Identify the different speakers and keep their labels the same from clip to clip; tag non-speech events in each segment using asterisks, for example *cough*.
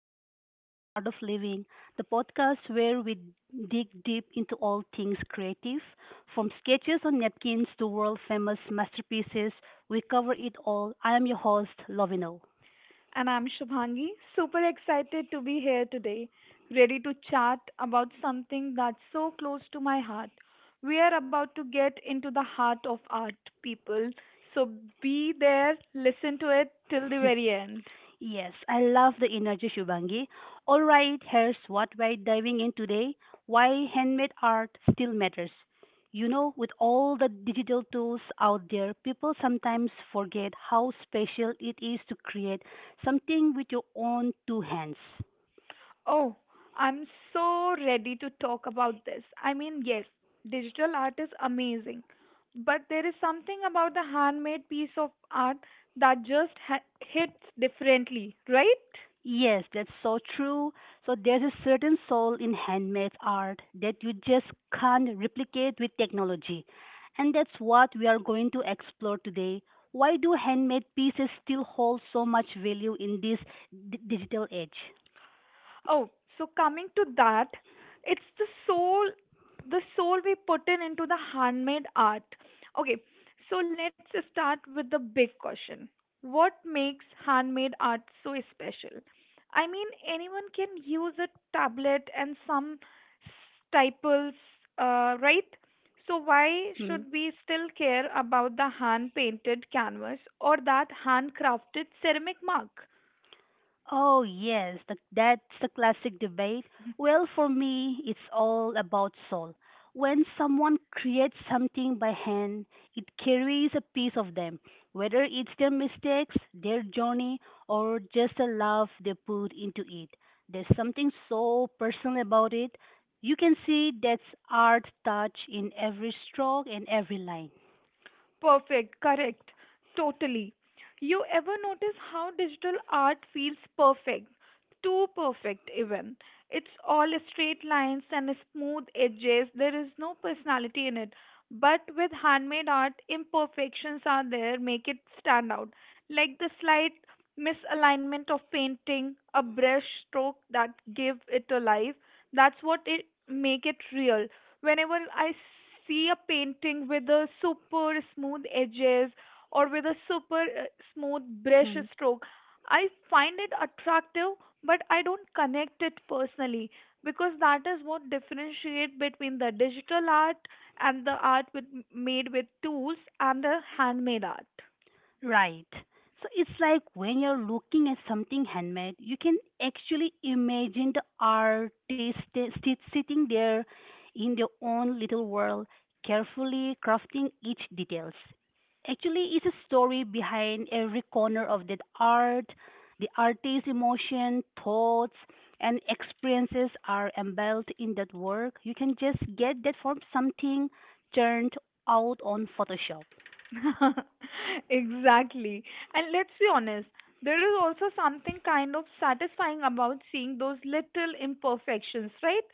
Speaker 1: episode of Art of Living, the podcast where we dig deep into all things creative. From sketches on napkins to world famous masterpieces, we cover it all. I am your host, Lovino.
Speaker 2: And I'm Shubhangi, super excited to be here today, ready to chat about something that's so close to my heart. We are about to get into the heart of art, people. So be there, listen to it till the very end.
Speaker 1: Yes, I love the energy, Shubangi. All right, here's what we're diving in today, why handmade art still matters. You know, with all the digital tools out there, people sometimes forget how special it is to create something with your own two hands.
Speaker 2: Oh, I'm so ready to talk about this. I mean, yes, digital art is amazing, but there is something about the handmade piece of art that just hits differently, right?
Speaker 1: Yes, that's so true. So there's a certain soul in handmade art that you just can't replicate with technology. And that's what we are going to explore today. Why do handmade pieces still hold so much value in this digital age?
Speaker 2: Oh, so coming to that, it's the soul we put in into the handmade art. Okay, so let's start with the big question. What makes handmade art so special? I mean, anyone can use a tablet and some staples, right? So why
Speaker 1: Hmm?
Speaker 2: should we still care about the hand painted canvas or that handcrafted ceramic mark?
Speaker 1: Oh, yes, that's the classic debate. Well, for me, it's all about soul. When someone creates something by hand, it carries a piece of them, whether it's their mistakes, their journey, or just the love they put into it. There's something so personal about it. You can see that's art touch in every stroke and every line.
Speaker 2: Perfect, correct, totally. You ever notice how digital art feels perfect, too perfect even? It's all straight lines and smooth edges, there is no personality in it. But with handmade art, imperfections are there, make it stand out. Like the slight misalignment of painting, a brush stroke that give it a life. That's what it make it real whenever I see a painting with a super smooth edges or with a super smooth brush
Speaker 1: Hmm.
Speaker 2: stroke, I find it attractive, but I don't connect it personally because that is what differentiate between the digital art and the art with, made with tools and the handmade art.
Speaker 1: Right. So it's like when you're looking at something handmade, you can actually imagine the sitting there in their own little world, carefully crafting each details. Actually, it's a story behind every corner of that art. The artist's emotion, thoughts, and experiences are embodied in that work. You can just get that from something turned out on Photoshop.
Speaker 2: *laughs* Exactly. And let's be honest, there is also something kind of satisfying about seeing those little imperfections, right?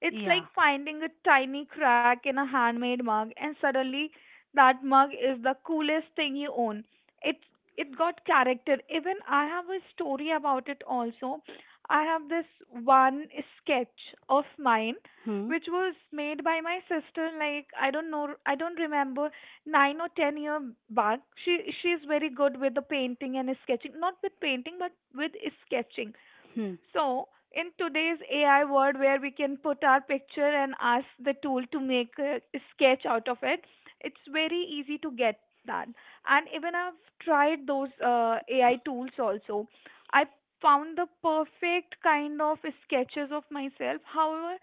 Speaker 2: It's
Speaker 1: Yeah.
Speaker 2: like finding a tiny crack in a handmade mug and suddenly that mug is the coolest thing you own. It it got character. Even I have a story about it also. I have this one sketch of mine
Speaker 1: Hmm.
Speaker 2: which was made by my sister, like, I don't know, I don't remember, 9 or 10 years back. She is very good with the painting and sketching, not with painting but with sketching.
Speaker 1: Hmm.
Speaker 2: So in today's AI world, where we can put our picture and ask the tool to make a sketch out of it, it's very easy to get that. And even I've tried those AI tools also. I found the perfect kind of sketches of myself. However,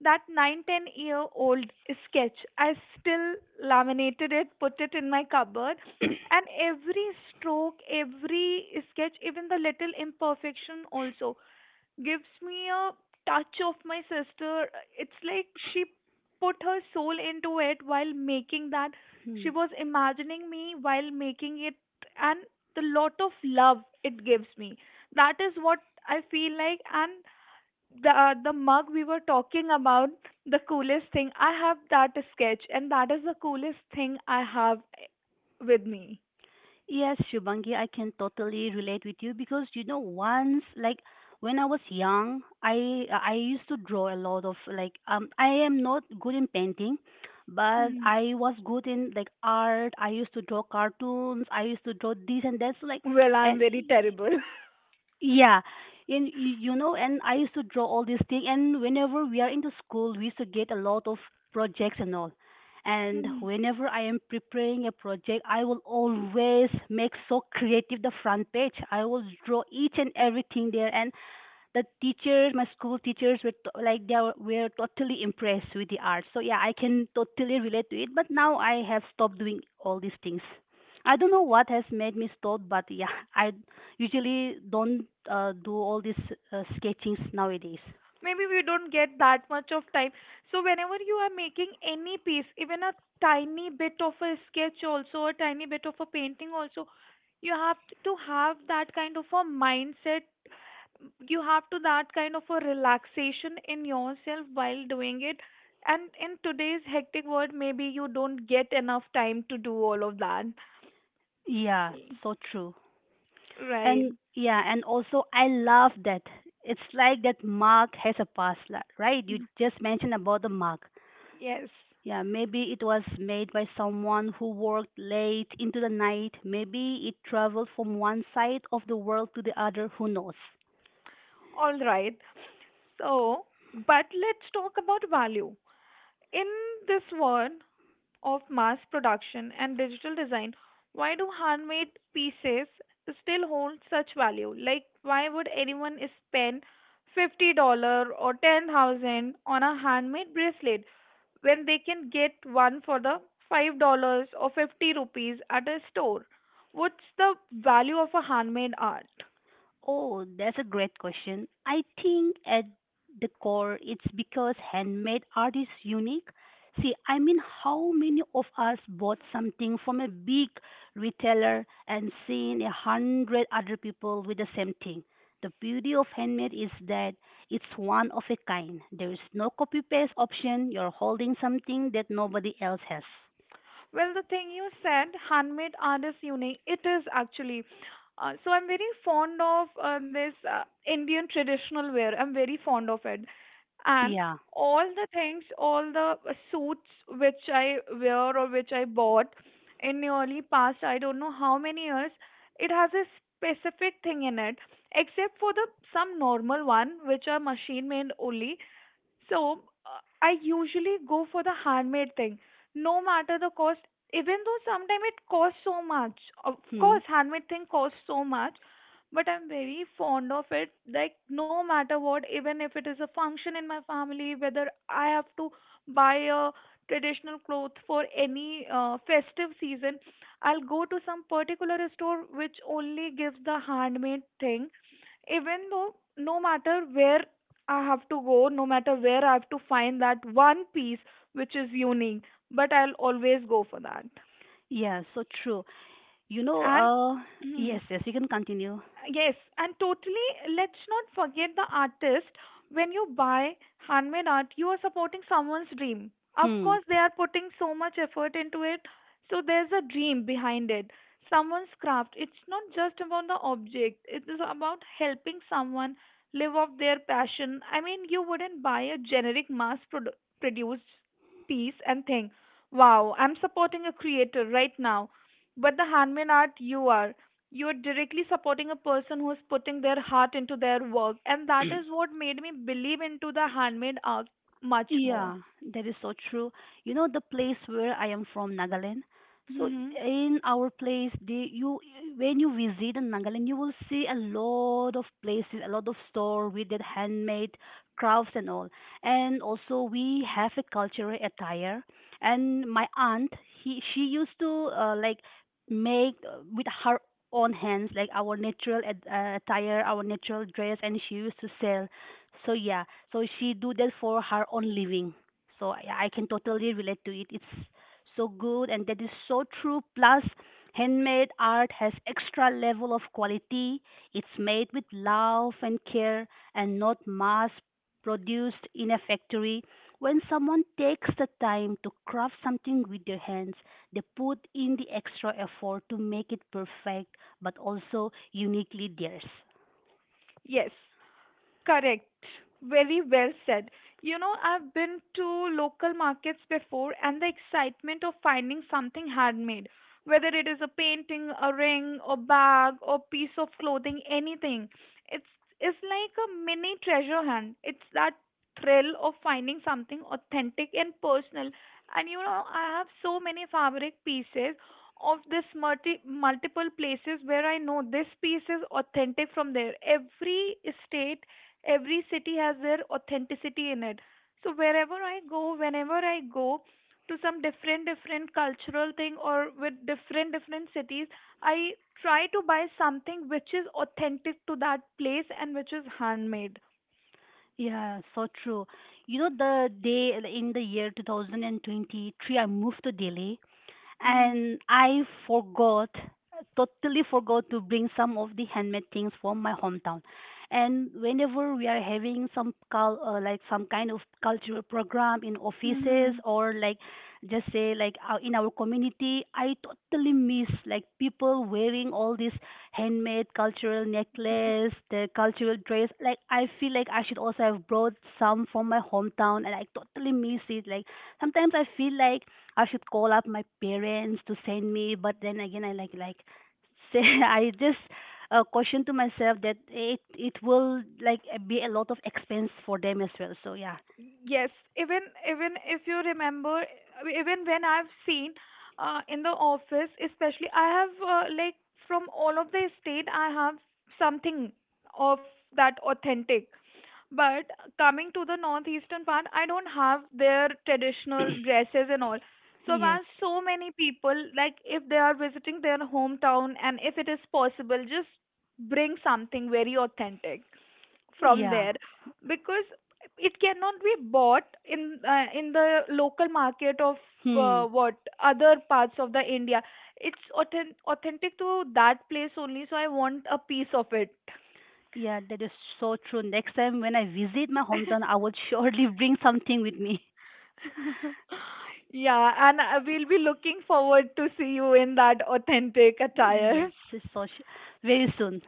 Speaker 2: that 9 10 year old sketch, I still laminated it, put it in my cupboard, and every stroke, every sketch, even the little imperfection also gives me a touch of my sister. It's like she put her soul into it while making that.
Speaker 1: Hmm.
Speaker 2: She was imagining me while making it, and the lot of love it gives me. That is what I feel like. And the mug we were talking about, the coolest thing I have, that sketch, and that is the coolest thing I have with me.
Speaker 1: Yes, Shubangi, I can totally relate with you because you know once like when I was young, I used to draw a lot of like I am not good in painting, but
Speaker 2: Hmm.
Speaker 1: I was good in like art. I used to draw cartoons. I used to draw this and that. So like
Speaker 2: Well,
Speaker 1: and
Speaker 2: I'm very terrible.
Speaker 1: yeah, and you know, and I used to draw all these things. And whenever we are in the school, we used to get a lot of projects and all. And
Speaker 2: *laughs*
Speaker 1: whenever I am preparing a project, I will always make so creative the front page. I will draw each and everything there. And the teachers, my school teachers were to, like were totally impressed with the art. So yeah, I can totally relate to it. But now I have stopped doing all these things. I don't know what has made me stop, but yeah, I usually don't do all these sketchings nowadays.
Speaker 2: Maybe we don't get that much of time, so whenever you are making any piece, even a tiny bit of a sketch also, a tiny bit of a painting also, you have to have that kind of a mindset. You have to that kind of a relaxation in yourself while doing it, and in today's hectic world maybe you don't get enough time to do all of that,
Speaker 1: Yeah, so true.
Speaker 2: right?
Speaker 1: And yeah, and also I love that. It's like that mug has a right? You just mentioned about the mug.
Speaker 2: Yes,
Speaker 1: Yeah, maybe it was made by someone who worked late into the night. Maybe it traveled from one side of the world to the other. Who knows?
Speaker 2: all right. So, but let's talk about value in this world of mass production and digital design. Why do handmade pieces still hold such value? Like, why would anyone spend $50 or 10,000 on a handmade bracelet when they can get one for the $5 or 50 rupees at a store? What's the value of a handmade art?
Speaker 1: Oh, that's a great question. I think at the core, it's because handmade art is unique. See, I mean, how many of us bought something from a big retailer and seen a hundred other people with the same thing? The beauty of handmade is that it's one of a kind. There is no copy paste option. You're holding something that nobody else has.
Speaker 2: Well, the thing you said, handmade art is unique. It is actually. So I'm very fond of this Indian traditional wear. I'm very fond of it. And
Speaker 1: Yeah.
Speaker 2: all the things, all the suits which I wear or which I bought in the early past, I don't know how many years, it has a specific thing in it, except for the some normal one which are machine made only. So I usually go for the handmade thing, no matter the cost. Even though sometimes it costs so much, of
Speaker 1: Hmm.
Speaker 2: course, handmade thing costs so much, but I'm very fond of it. Like no matter what, even if it is a function in my family, whether I have to buy a traditional cloth for any festive season, I'll go to some particular store which only gives the handmade thing, even though no matter where I have to go, no matter where I have to find that one piece which is unique, but I'll always go for that.
Speaker 1: Yeah, so true. You know,
Speaker 2: And
Speaker 1: yes,
Speaker 2: *clears throat*
Speaker 1: yes, you can continue.
Speaker 2: yes, and totally, let's not forget the artist. When you buy handmade art, you are supporting someone's dream. Of
Speaker 1: Hmm.
Speaker 2: course, they are putting so much effort into it, so there's a dream behind it. Someone's craft. It's not just about the object, it is about helping someone live off their passion. I mean, you wouldn't buy a generic mass produced piece and think, wow, I'm supporting a creator right now. But the handmade art, you're directly supporting a person who's putting their heart into their work, and that is what made me believe into the handmade art much more.
Speaker 1: Yeah, that is so true. You know, the place where I am from, Nagaland. So
Speaker 2: Hmm.
Speaker 1: in our place, they, you when you visit in Nagaland, you will see a lot of places, a lot of store with that handmade crafts and all. And also we have a cultural attire. And my aunt, he she used to like make with her own hands like our natural attire, our natural dress, and she used to sell. So yeah, so she do that for her own living. So I can totally relate to it. It's so good and that is so true. Plus, handmade art has extra level of quality. It's made with love and care and not mass produced in a factory. When someone takes the time to craft something with their hands, they put in the extra effort to make it perfect but also uniquely theirs.
Speaker 2: Yes. Correct. Very well said. You know, I've been to local markets before, and the excitement of finding something handmade, whether it is a painting, a ring, a bag, or piece of clothing, anything, it's it's like a mini treasure hunt. It's that thrill of finding something authentic and personal. And you know, I have so many fabric pieces of this multiple places where I know this piece is authentic from there. Every state, every city has their authenticity in it. So wherever I go, whenever I go to some different different cultural thing or with different different cities, I try to buy something which is authentic to that place and which is handmade.
Speaker 1: Yeah, so true. You know, the day like, in the year 2023, I moved to Delhi and I forgot, totally forgot to bring some of the handmade things from my hometown. And whenever we are having some like some kind of cultural program in
Speaker 2: Mm-hmm.
Speaker 1: offices or like just say like in our community, I totally miss like people wearing all this handmade cultural necklace, the cultural dress. Like I feel like I should also have brought some from my hometown, and I totally miss it. Like sometimes I feel like I should call up my parents to send me, but then again, I *laughs* say I just question to myself that it will like be a lot of expense for them as well. So yeah,
Speaker 2: Yes, even even if you remember, even when I've seen in the office, especially I have like from all of the state, I have something of that authentic. But coming to the northeastern part, I don't have their traditional dresses and all. So
Speaker 1: yes,
Speaker 2: man, so many people, like if they are visiting their hometown and if it is possible, just bring something very authentic from
Speaker 1: yeah,
Speaker 2: there because it cannot be bought in the local market of
Speaker 1: hmm,
Speaker 2: what other parts of the India. It's authentic to that place only, so I want a piece of it.
Speaker 1: yeah, that is so true. Next time when I visit my hometown, I will *laughs* surely bring something with me.
Speaker 2: *laughs* Yeah, and I will be looking forward to see you in that authentic attire.
Speaker 1: Yes, so sh- very soon.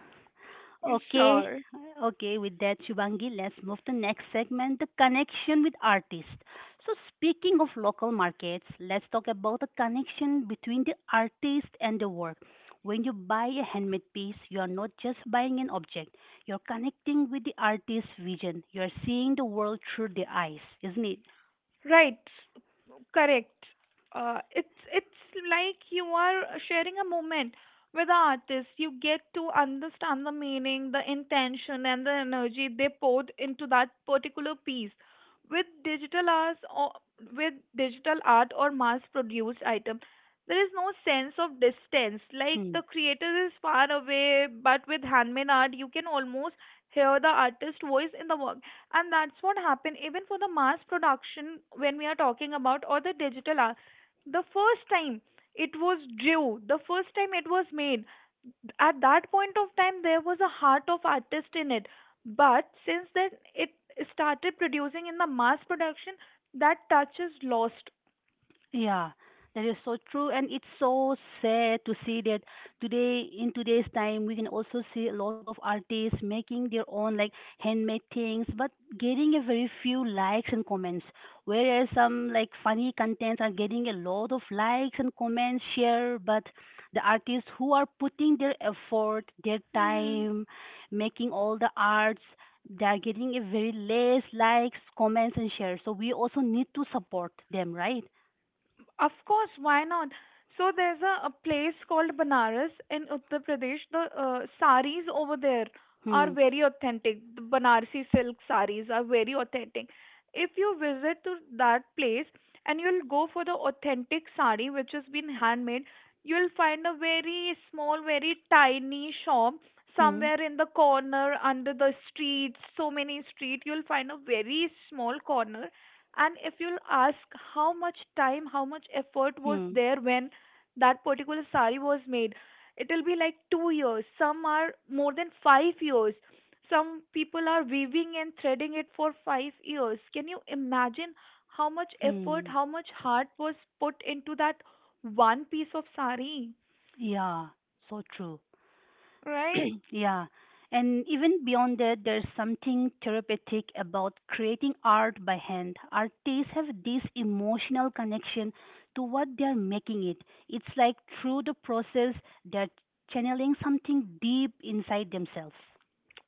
Speaker 2: *laughs*
Speaker 1: Okay,
Speaker 2: Sure.
Speaker 1: okay, with that, Shivangi, let's move to next segment, the connection with artists. So speaking of local markets, let's talk about the connection between the artist and the work. When you buy a handmade piece, you are not just buying an object. You're connecting with the artist's vision. You're seeing the world through their eyes, isn't it?
Speaker 2: Right, correct. It's like you are sharing a moment with the artist. You get to understand the meaning, the intention, and the energy they poured into that particular piece. With digital art or mass-produced item, there is no sense of distance. Like
Speaker 1: Hmm.
Speaker 2: the creator is far away, but with handmade art, you can almost hear the artist's voice in the and that's what happened even for the mass production when we are talking about, or the digital art. The first time the first time it was made, at that point of time there was a heart of artist in it. But since then it started producing in the mass production, that touch is lost.
Speaker 1: Yeah, that is so true, and it's so sad to see that today, in today's time, we can also see a lot of artists making their own like handmade things, but getting a very few likes and comments. Whereas some like funny contents are getting a lot of likes and comments, share, but the artists who are putting their effort, their
Speaker 2: Hmm.
Speaker 1: time, making all the arts, they are getting a very less likes, comments, and shares. So we also need to support them, right?
Speaker 2: Of course, why not? So there's a place called Banaras in Uttar Pradesh. The saris over there are
Speaker 1: Hmm.
Speaker 2: very authentic. The Banarsi silk saris are very authentic. If you visit to that place and you'll go for the authentic sari which has been handmade, you'll find a very small, very tiny shop
Speaker 1: Hmm.
Speaker 2: somewhere in the corner under the street, so many street, you'll find a very small corner, and if you'll ask how much time, how much effort was
Speaker 1: Hmm.
Speaker 2: there when that particular sari was made, it'll be like 2 years. Some are more than 5 years. Some people are weaving and threading it for 5 years. Can you imagine how much effort,
Speaker 1: Hmm.
Speaker 2: how much heart was put into that one piece of sari?
Speaker 1: Yeah. So true.
Speaker 2: Right?
Speaker 1: *clears throat* Yeah. And even beyond that, there's something therapeutic about creating art by hand. Artists have this emotional connection to what they're making it. It's like through the process, they're channeling something deep inside themselves.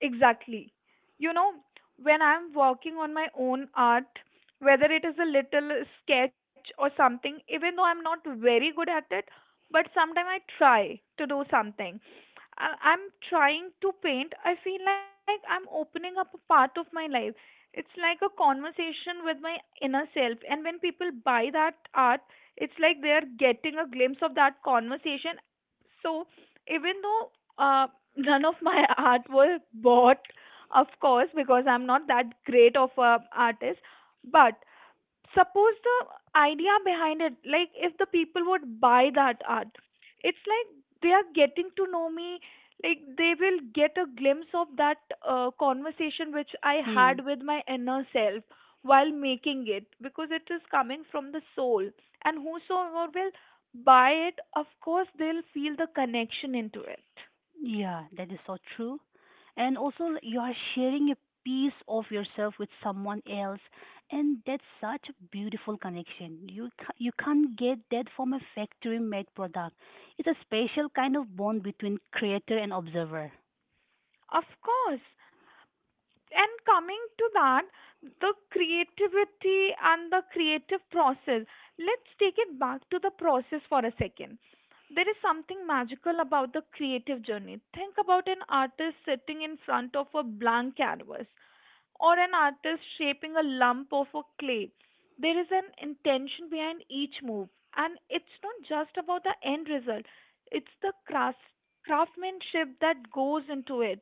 Speaker 2: Exactly. You know, when I'm working on my own art, whether it is a little sketch or something, even though I'm not very good at it, but sometimes I try to do something. I'm trying to paint. I feel like I'm opening up a part of my life. It's like a conversation with my inner self. And when people buy that art, it's like they're getting a glimpse of that conversation. So even though uh, none of my *laughs* art was bought, of course, because I'm not that great of a artist, but suppose the idea behind it, like if the people would buy that art, it's like they are getting to know me, like they will get a glimpse of that conversation which I had with my inner self while making it, because it is coming from the soul, and whosoever will buy it, of course they'll feel the connection into it.
Speaker 1: Yeah, that is so true. And also, like, you are sharing a piece of yourself with someone else, and that's such a beautiful connection. You can't get that from a factory-made product. It's a special kind of bond between creator and observer.
Speaker 2: Of course. And coming to that, the creativity and the creative process, let's take it back to the process for a second. There is something magical about the creative journey. Think about an artist sitting in front of a blank canvas or an artist shaping a lump of a clay. There is an intention behind each move, and it's not just about the end result, it's the craftsmanship that goes into it.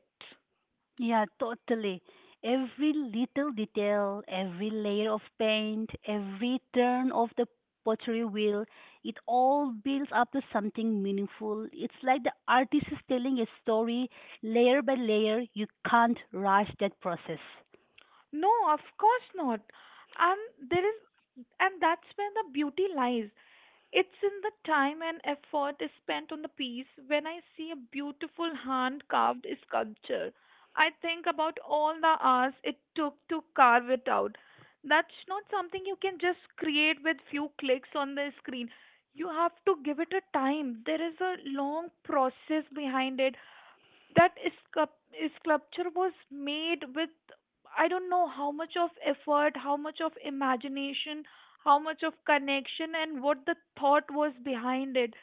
Speaker 1: Yeah, totally. Every little detail, every layer of paint, every turn of the pottery wheel, it all builds up to something meaningful. It's like the artist is telling a story layer by layer. You can't rush that process.
Speaker 2: No, of course not. And there is, and that's where the beauty lies. It's in the time and effort is spent on the piece. When I see a beautiful hand carved sculpture, I think about all the hours it took to carve it out. That's not something you can just create with few clicks on the screen. You have to give it a time. There is a long process behind it. That scup- sculpture was made with, I don't know how much of effort, how much of imagination, how much of connection, and what the thought was behind it.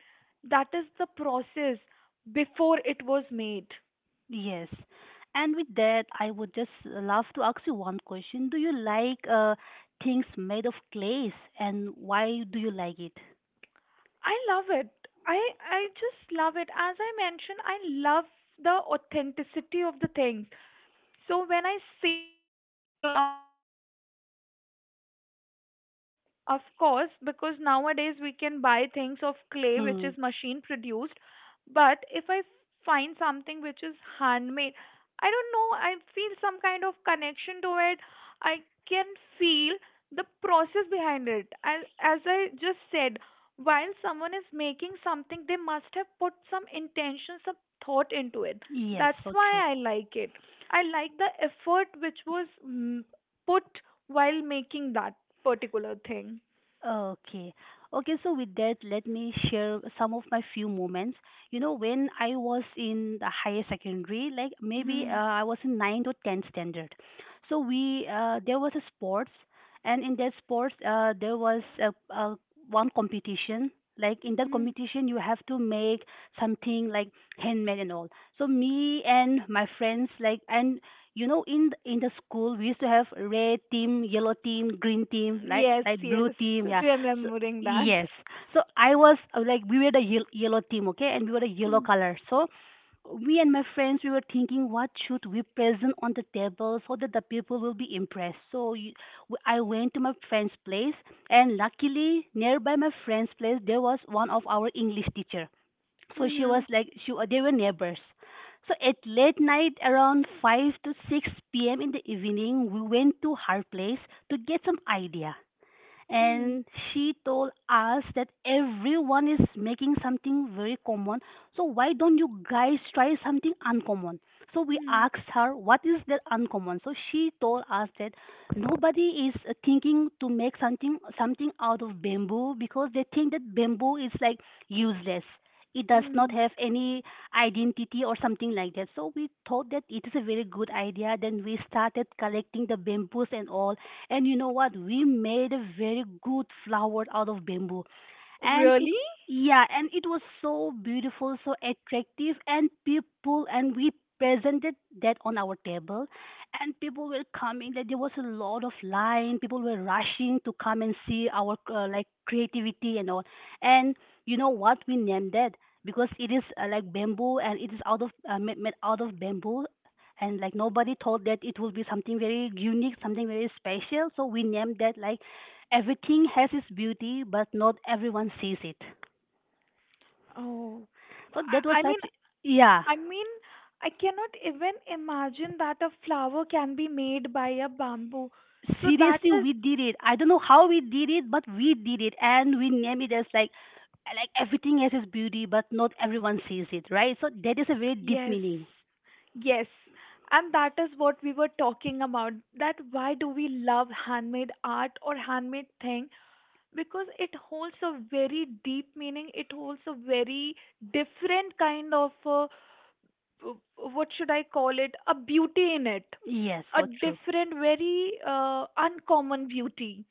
Speaker 2: That is the process before it was made.
Speaker 1: Yes. And with that, I would just love to ask you one question. Do you like things made of clays and why do you like it?
Speaker 2: I love it. I just love it. As I mentioned, I love the authenticity of the things. So when I see something made out of clay, that too a handmade, of course, because nowadays we can buy things of clay which
Speaker 1: Hmm.
Speaker 2: is machine produced. But if I find something which is handmade, I don't know, I feel some kind of connection to it. I can feel the process behind it. As I just said, while someone is making something, they must have put some intention, some thought into it.
Speaker 1: Yes,
Speaker 2: That's
Speaker 1: so true.
Speaker 2: why I like it. I like the effort which was put while making that particular thing.
Speaker 1: Okay. Okay, so with that, let me share some of my few moments. You know, when I was in the higher secondary, like maybe
Speaker 2: Mhm.
Speaker 1: I was in 9th or 10th standard. So we there was a sports, and in that sports, there was a one competition. Like in that
Speaker 2: Mhm.
Speaker 1: competition, you have to make something like handmade and all. So me and my friends, like, and you know in in the school we used to have red team, yellow team, green team,
Speaker 2: Yes,
Speaker 1: like blue
Speaker 2: yes,
Speaker 1: team, yeah, so
Speaker 2: remembering that.
Speaker 1: yes, so I was like we were the yellow team, okay, and we were the yellow
Speaker 2: Mm.
Speaker 1: color, so we and my friends we were thinking what should we present on the table so that the people will be impressed, so I went to my friend's place, and luckily nearby my friend's place there was one of our English teacher, so she was
Speaker 2: Mhm.
Speaker 1: like she they were neighbors, so at late night around 5 to 6 p.m. in the evening we went to her place to get some idea,
Speaker 2: Mhm.
Speaker 1: and she told us that everyone is making something very common, so why don't you guys try something uncommon, so we
Speaker 2: Mhm.
Speaker 1: asked her what is that uncommon, so she told us that nobody is thinking to make something out of bamboo because they think that bamboo is like useless, it does not
Speaker 2: Mhm.
Speaker 1: have any identity or something like that, so we thought that it is a very good idea, then we started collecting the bamboos and all, and you know what? We made a very good flower out of bamboo, and it
Speaker 2: Really?
Speaker 1: yeah, and it was so beautiful, so attractive, and we presented that on our table. And people were coming, like there was a lot of line, people were rushing to come and see our like creativity and all. And you know what we named that? Because it is like bamboo and it is out of made out of bamboo, and like nobody thought that it would be something very unique, something very special, so we named that like, everything has its beauty, but not everyone sees it.
Speaker 2: Oh,
Speaker 1: So that was
Speaker 2: I mean,
Speaker 1: such, yeah.
Speaker 2: I mean, I cannot even imagine that a flower can be made by a bamboo. So that
Speaker 1: Seriously,
Speaker 2: is.
Speaker 1: we did it. I don't know how we did it, but we did it, and we name it as like everything has its beauty, but not everyone sees it, right? So that is a very deep
Speaker 2: Yes,
Speaker 1: meaning.
Speaker 2: yes. And that is what we were talking about. That why do we love handmade art or handmade thing? Because it holds a very deep meaning. It holds a very different kind of, what should I call it, a beauty in it.
Speaker 1: Yes,
Speaker 2: A
Speaker 1: so true.
Speaker 2: different, very uncommon beauty.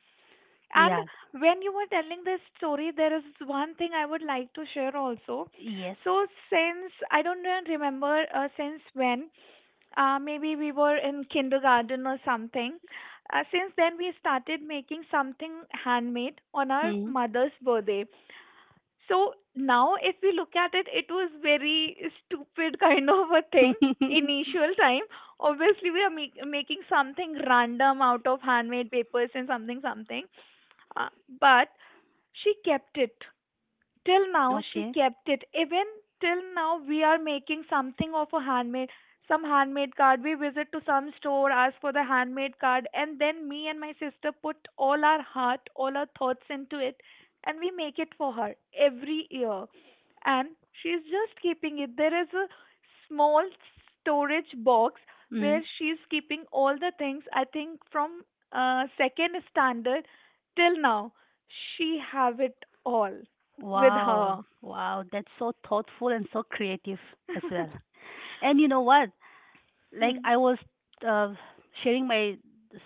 Speaker 1: Yeah.
Speaker 2: And when you were telling this story, there is one thing I would like to share also.
Speaker 1: Yes.
Speaker 2: So, since I don't even remember since when, maybe we were in kindergarten or something. Since then, we started making something handmade on our
Speaker 1: Hmm.
Speaker 2: mother's birthday. So, now if we look at it, it was very stupid kind of a thing
Speaker 1: *laughs* Okay.
Speaker 2: initial time. Obviously we are making something random out of handmade papers and something something, uh, but she kept it. Till now she kept it. Even till now we are making something of a handmade, some handmade card. We visit to some store, ask for the handmade card, and then me and my sister put all our heart, all our thoughts into it, and we make it for her every year. And she's just keeping it. There is a small storage box
Speaker 1: Mm.
Speaker 2: where she's keeping all the things. I think from second standard till now, she have it all with
Speaker 1: Wow.
Speaker 2: her.
Speaker 1: Wow. That's so thoughtful and so creative as well.
Speaker 2: *laughs*
Speaker 1: And you know what? Like
Speaker 2: Hmm.
Speaker 1: I was uh, sharing my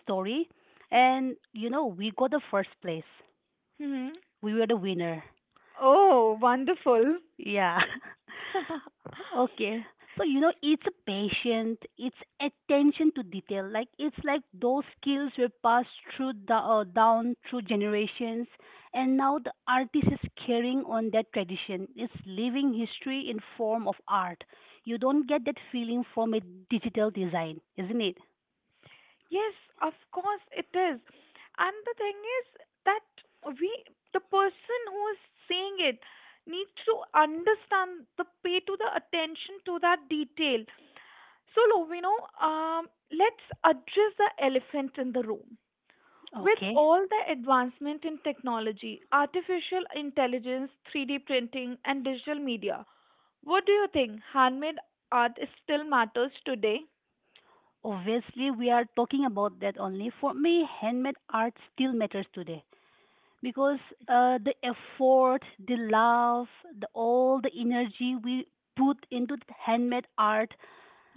Speaker 1: story, and we got the first place.
Speaker 2: Hmm.
Speaker 1: We were the winner.
Speaker 2: Oh, wonderful.
Speaker 1: Yeah. *laughs*
Speaker 2: *laughs*
Speaker 1: Okay. So, it's a patient, it's attention to detail. Like, it's like those skills were passed down through generations, and now the artist is carrying on that tradition. It's living history in form of art. You don't get that feeling from a digital design, isn't it?
Speaker 2: Yes, of course it is. And the thing is that we, the person who is saying it, needs to understand the pay to the attention to that detail. So, Lovino, let's address the elephant in the room. With
Speaker 1: Okay.
Speaker 2: all the advancement in technology, artificial intelligence, 3D printing, and digital media, what do you think? Handmade art still matters today?
Speaker 1: Obviously, we are talking about that only. For me, handmade art still matters today because the effort, the love, the all the energy we put into the handmade art,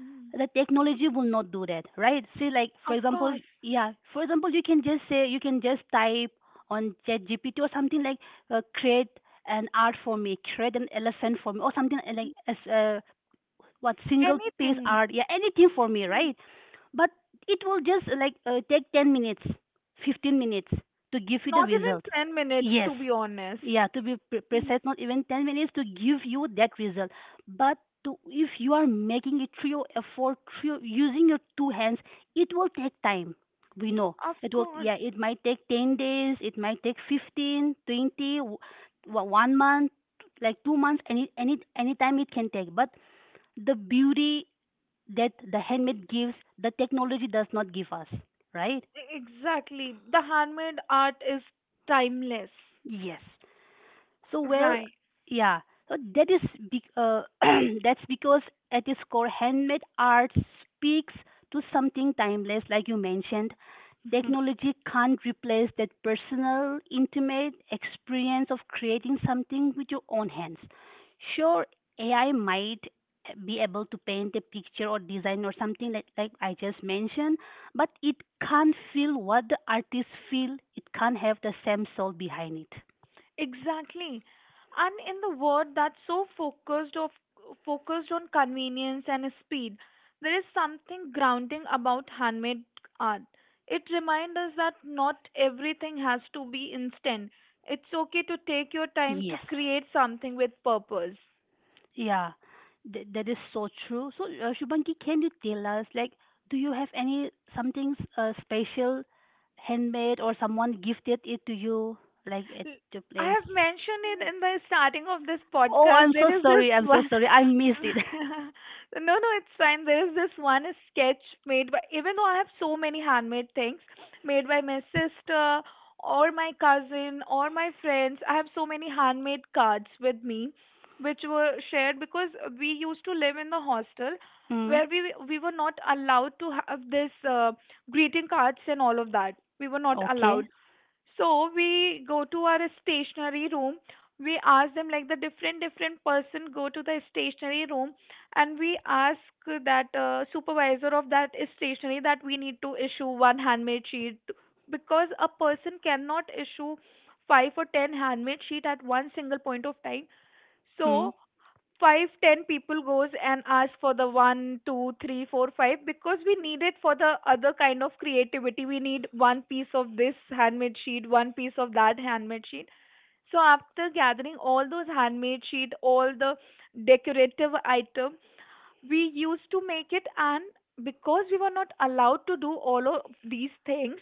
Speaker 2: Mm,
Speaker 1: the technology will not do that, right? See, like for
Speaker 2: of
Speaker 1: example,
Speaker 2: course.
Speaker 1: yeah, for example, you can just type on ChatGPT or something like create an art for me, create an elephant for me, or something like as what single piece
Speaker 2: Anything.
Speaker 1: art, yeah, anything for me,
Speaker 2: Mm.
Speaker 1: right? But it will just like take 10 minutes, 15 minutes to give you the
Speaker 2: Not even
Speaker 1: result.
Speaker 2: 10 minutes, to
Speaker 1: Yes,
Speaker 2: be honest.
Speaker 1: yeah, to be
Speaker 2: Mm,
Speaker 1: precise, not even 10 minutes to give you that result. But if you are making it through your effort, through using your two hands, it will take time, we know.
Speaker 2: of
Speaker 1: It will,
Speaker 2: course.
Speaker 1: yeah, it might take 10 days, it might take 15, 20, one month, like 2 months, any time it can take. But the beauty that the handmade gives, the technology does not give us, right?
Speaker 2: Exactly. The handmade art is timeless.
Speaker 1: Yes. So, well,
Speaker 2: Right.
Speaker 1: yeah. So be- uh, *clears throat* that's because at its core, handmade art speaks to something timeless, like you mentioned.
Speaker 2: *laughs*
Speaker 1: Technology can't replace that personal, intimate experience of creating something with your own hands. Sure, AI might be able to paint a picture or design or something like, I just mentioned, but it can't feel what the artist feel. It can't have the same soul behind it.
Speaker 2: Exactly. And in the world that's so focused on convenience and speed, there is something grounding about handmade art. It reminds us that not everything has to be instant. It's okay to take your time to
Speaker 1: Yes.
Speaker 2: create something with purpose.
Speaker 1: Yeah, that is so true. So, Shubhangi, can you tell us, like, do you have any something special, handmade, or someone gifted it to you, like at
Speaker 2: L-
Speaker 1: your
Speaker 2: I
Speaker 1: place?
Speaker 2: have mentioned it in the starting of this
Speaker 1: Oh,
Speaker 2: podcast.
Speaker 1: I'm so
Speaker 2: There is this
Speaker 1: sorry. I'm so
Speaker 2: one. *laughs*
Speaker 1: sorry. I missed it. *laughs*
Speaker 2: Yeah. No, no, it's fine. There is this one sketch made by, even though I have so many handmade things made by my sister or my cousin or my friends, I have so many handmade cards with me, which were shared because we used to live in the hostel
Speaker 1: Mm.
Speaker 2: where we were not allowed to have this greeting cards and all of that. We were not
Speaker 1: Okay.
Speaker 2: allowed. So we go to our stationery room. We ask them, like the different different person go to the stationery room and we ask that supervisor of that stationery that we need to issue one handmade sheet, because a person cannot issue five or ten handmade sheet at one single point of time.
Speaker 1: Hmm.
Speaker 2: So 5, 10 people goes and ask for the 1, 2, 3, 4, 5, because we need it for the other kind of creativity. We need one piece of this handmade sheet, one piece of that handmade sheet. So after gathering all those handmade sheet, all the decorative item, we used to make it. And because we were not allowed to do all of these things,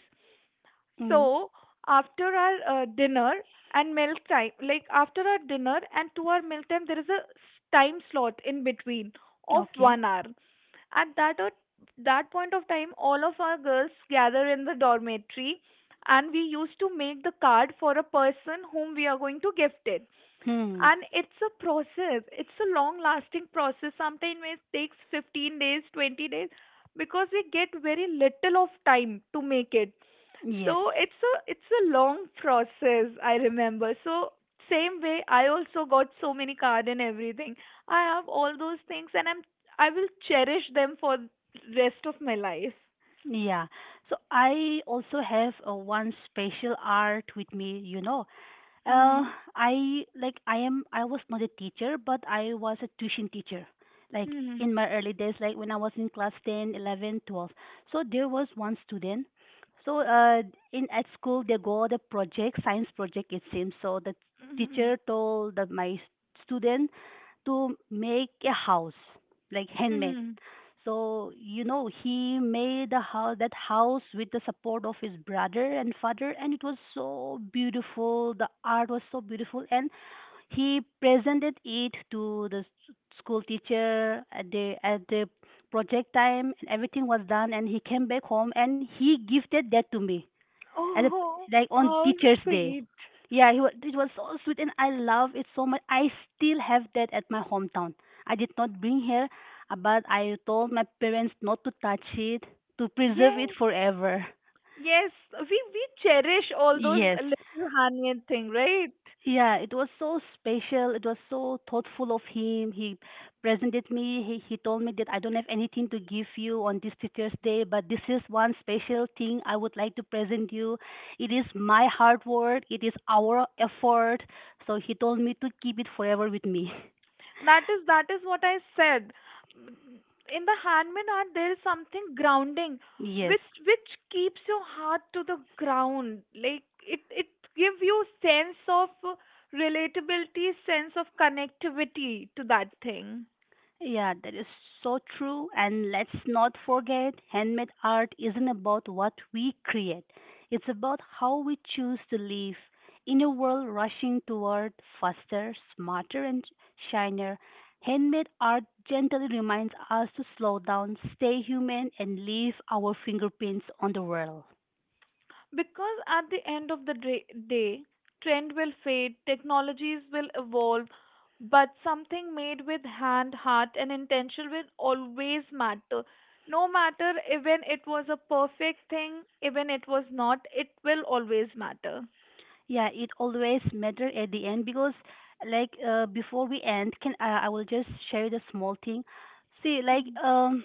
Speaker 1: Mm.
Speaker 2: so after our dinner and meal time, like after our dinner and to our meal time, there is a time slot in between of
Speaker 1: Okay.
Speaker 2: 1 hour. At that o- that point of time, all of our girls gather in the dormitory, and we used to make the card for a person whom we are going to gift it.
Speaker 1: Hmm.
Speaker 2: And it's a process, it's a long lasting process. Sometimes it takes 15 days, 20 days, because we get very little of time to make it. So
Speaker 1: Yes.
Speaker 2: it's a, it's a long process, I remember. So same way, I also got so many card and everything. I have all those things, and I'm, I will cherish them for rest of my life.
Speaker 1: Yeah. So I also have one special art with me. Uh,
Speaker 2: Mhm.
Speaker 1: I like I am I was not a teacher, but I was a tuition teacher. Like
Speaker 2: Mhm.
Speaker 1: in my early days, like when I was in class 10, 11, 12. So there was one student. So in at school they go the project, science project it seems. So the
Speaker 2: Mhm.
Speaker 1: teacher told my student to make a house, like handmade.
Speaker 2: Mhm.
Speaker 1: So, he made a house, that house with the support of his brother and father, and it was so beautiful. The art was so beautiful, and he presented it to the school teacher at the project time, and everything was done. And he came back home and he gifted that to me
Speaker 2: *laughs*
Speaker 1: as a
Speaker 2: Oh,
Speaker 1: like on
Speaker 2: how
Speaker 1: Teachers Day.
Speaker 2: sweet.
Speaker 1: Yeah, it was so sweet, and I love it so much. I still have that at my hometown. I did not bring here, but I told my parents not to touch it, to preserve it
Speaker 2: Yes.
Speaker 1: forever.
Speaker 2: Yes, we cherish all those
Speaker 1: Yes,
Speaker 2: little handmade thing, right?
Speaker 1: yeah, it was so special. It was so thoughtful of him. He presented me. He told me that I don't have anything to give you on this Teacher's Day, but this is one special thing I would like to present you. It is my hard work. It is our effort. So he told me to keep it forever with me.
Speaker 2: That is what I said. In the handmade art, there is something grounding,
Speaker 1: *laughs* Yes.
Speaker 2: which keeps your heart to the ground. Like it gives you sense of relatability, sense of connectivity to that thing.
Speaker 1: Yeah, that, is so true. And let's not forget, handmade art isn't about what we create, it's about how we choose to live. In a world rushing toward faster, smarter, and shinier, handmade art gently reminds us to slow down, stay human, and leave our fingerprints on the world.
Speaker 2: Because at the end of the day, trend will fade, technologies will evolve, but something made with hand, heart, and intention will always matter. No matter even it was a perfect thing, even it was not, it will always matter.
Speaker 1: Yeah, it always matter at the end because, like, before we end, can I will just share the small thing. See, like,
Speaker 2: Mm.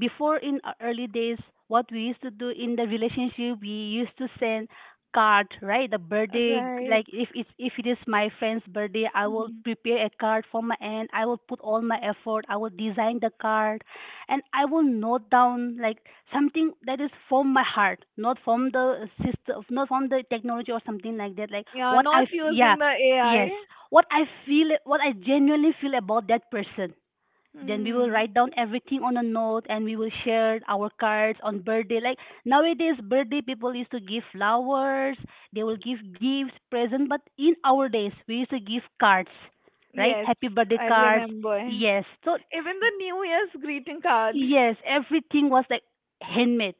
Speaker 1: before in our early days, what we used to do in the relationship, we used to send card, right? The birthday, like,
Speaker 2: Right.
Speaker 1: if it is my friend's birthday, I will
Speaker 2: Mhm.
Speaker 1: prepare a card for my end, I will put all my effort, I will design the card, and I will note down, like, something that is from my heart, not from the system, not from the technology or something like that, like
Speaker 2: Yeah,
Speaker 1: what I
Speaker 2: not
Speaker 1: yeah.
Speaker 2: using the AI.
Speaker 1: Yes, what I feel, what I genuinely feel about that person. Then we will
Speaker 2: Hmm.
Speaker 1: write down everything on a note and we will share our cards on birthday. Like nowadays, birthday people used to give flowers, they will give gifts, present, but in our days, we used to give cards, right?
Speaker 2: Yes,
Speaker 1: Happy birthday
Speaker 2: I
Speaker 1: cards.
Speaker 2: remember. Even
Speaker 1: Yes. So,
Speaker 2: the New Year's greeting cards.
Speaker 1: yes, everything was like handmade.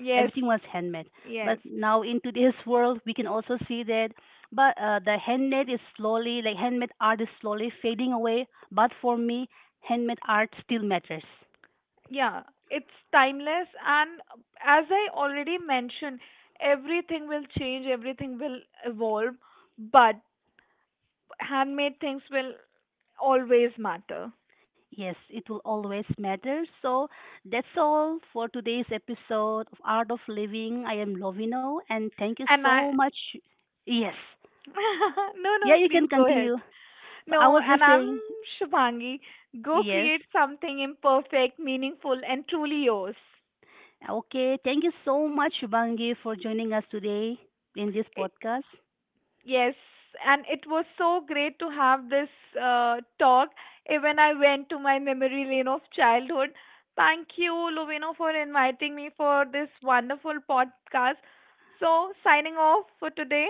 Speaker 2: Yes,
Speaker 1: Everything was handmade.
Speaker 2: yes.
Speaker 1: But now in today's world, we can also see that but the handmade is slowly like handmade art is slowly fading away, but for me, handmade art still matters.
Speaker 2: Yeah, it's timeless. And as I already mentioned, everything will change, everything will evolve, but handmade things will always matter.
Speaker 1: Yes, it will always matter. So that's all for today's episode of Art of Living. I am Lovino, and thank you
Speaker 2: And I.
Speaker 1: so much. Yes.
Speaker 2: *laughs* No,
Speaker 1: Yeah,
Speaker 2: no,
Speaker 1: you
Speaker 2: please
Speaker 1: can
Speaker 2: go ahead.
Speaker 1: continue. So I
Speaker 2: No,
Speaker 1: was
Speaker 2: and
Speaker 1: just
Speaker 2: I'm,
Speaker 1: saying,
Speaker 2: Shubhangi, go
Speaker 1: yes.
Speaker 2: create something imperfect, meaningful, and truly yours.
Speaker 1: Okay, thank you so much, Bangi, for joining us today in this podcast.
Speaker 2: Yes, and it was so great to have this talk. Even I went to my memory lane of childhood. Thank you, Lovino, for inviting me for this wonderful podcast. So, signing off for today.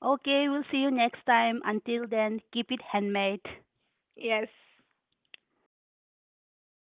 Speaker 1: Okay, we'll see you next time. Until then, keep it handmade.
Speaker 2: Yes.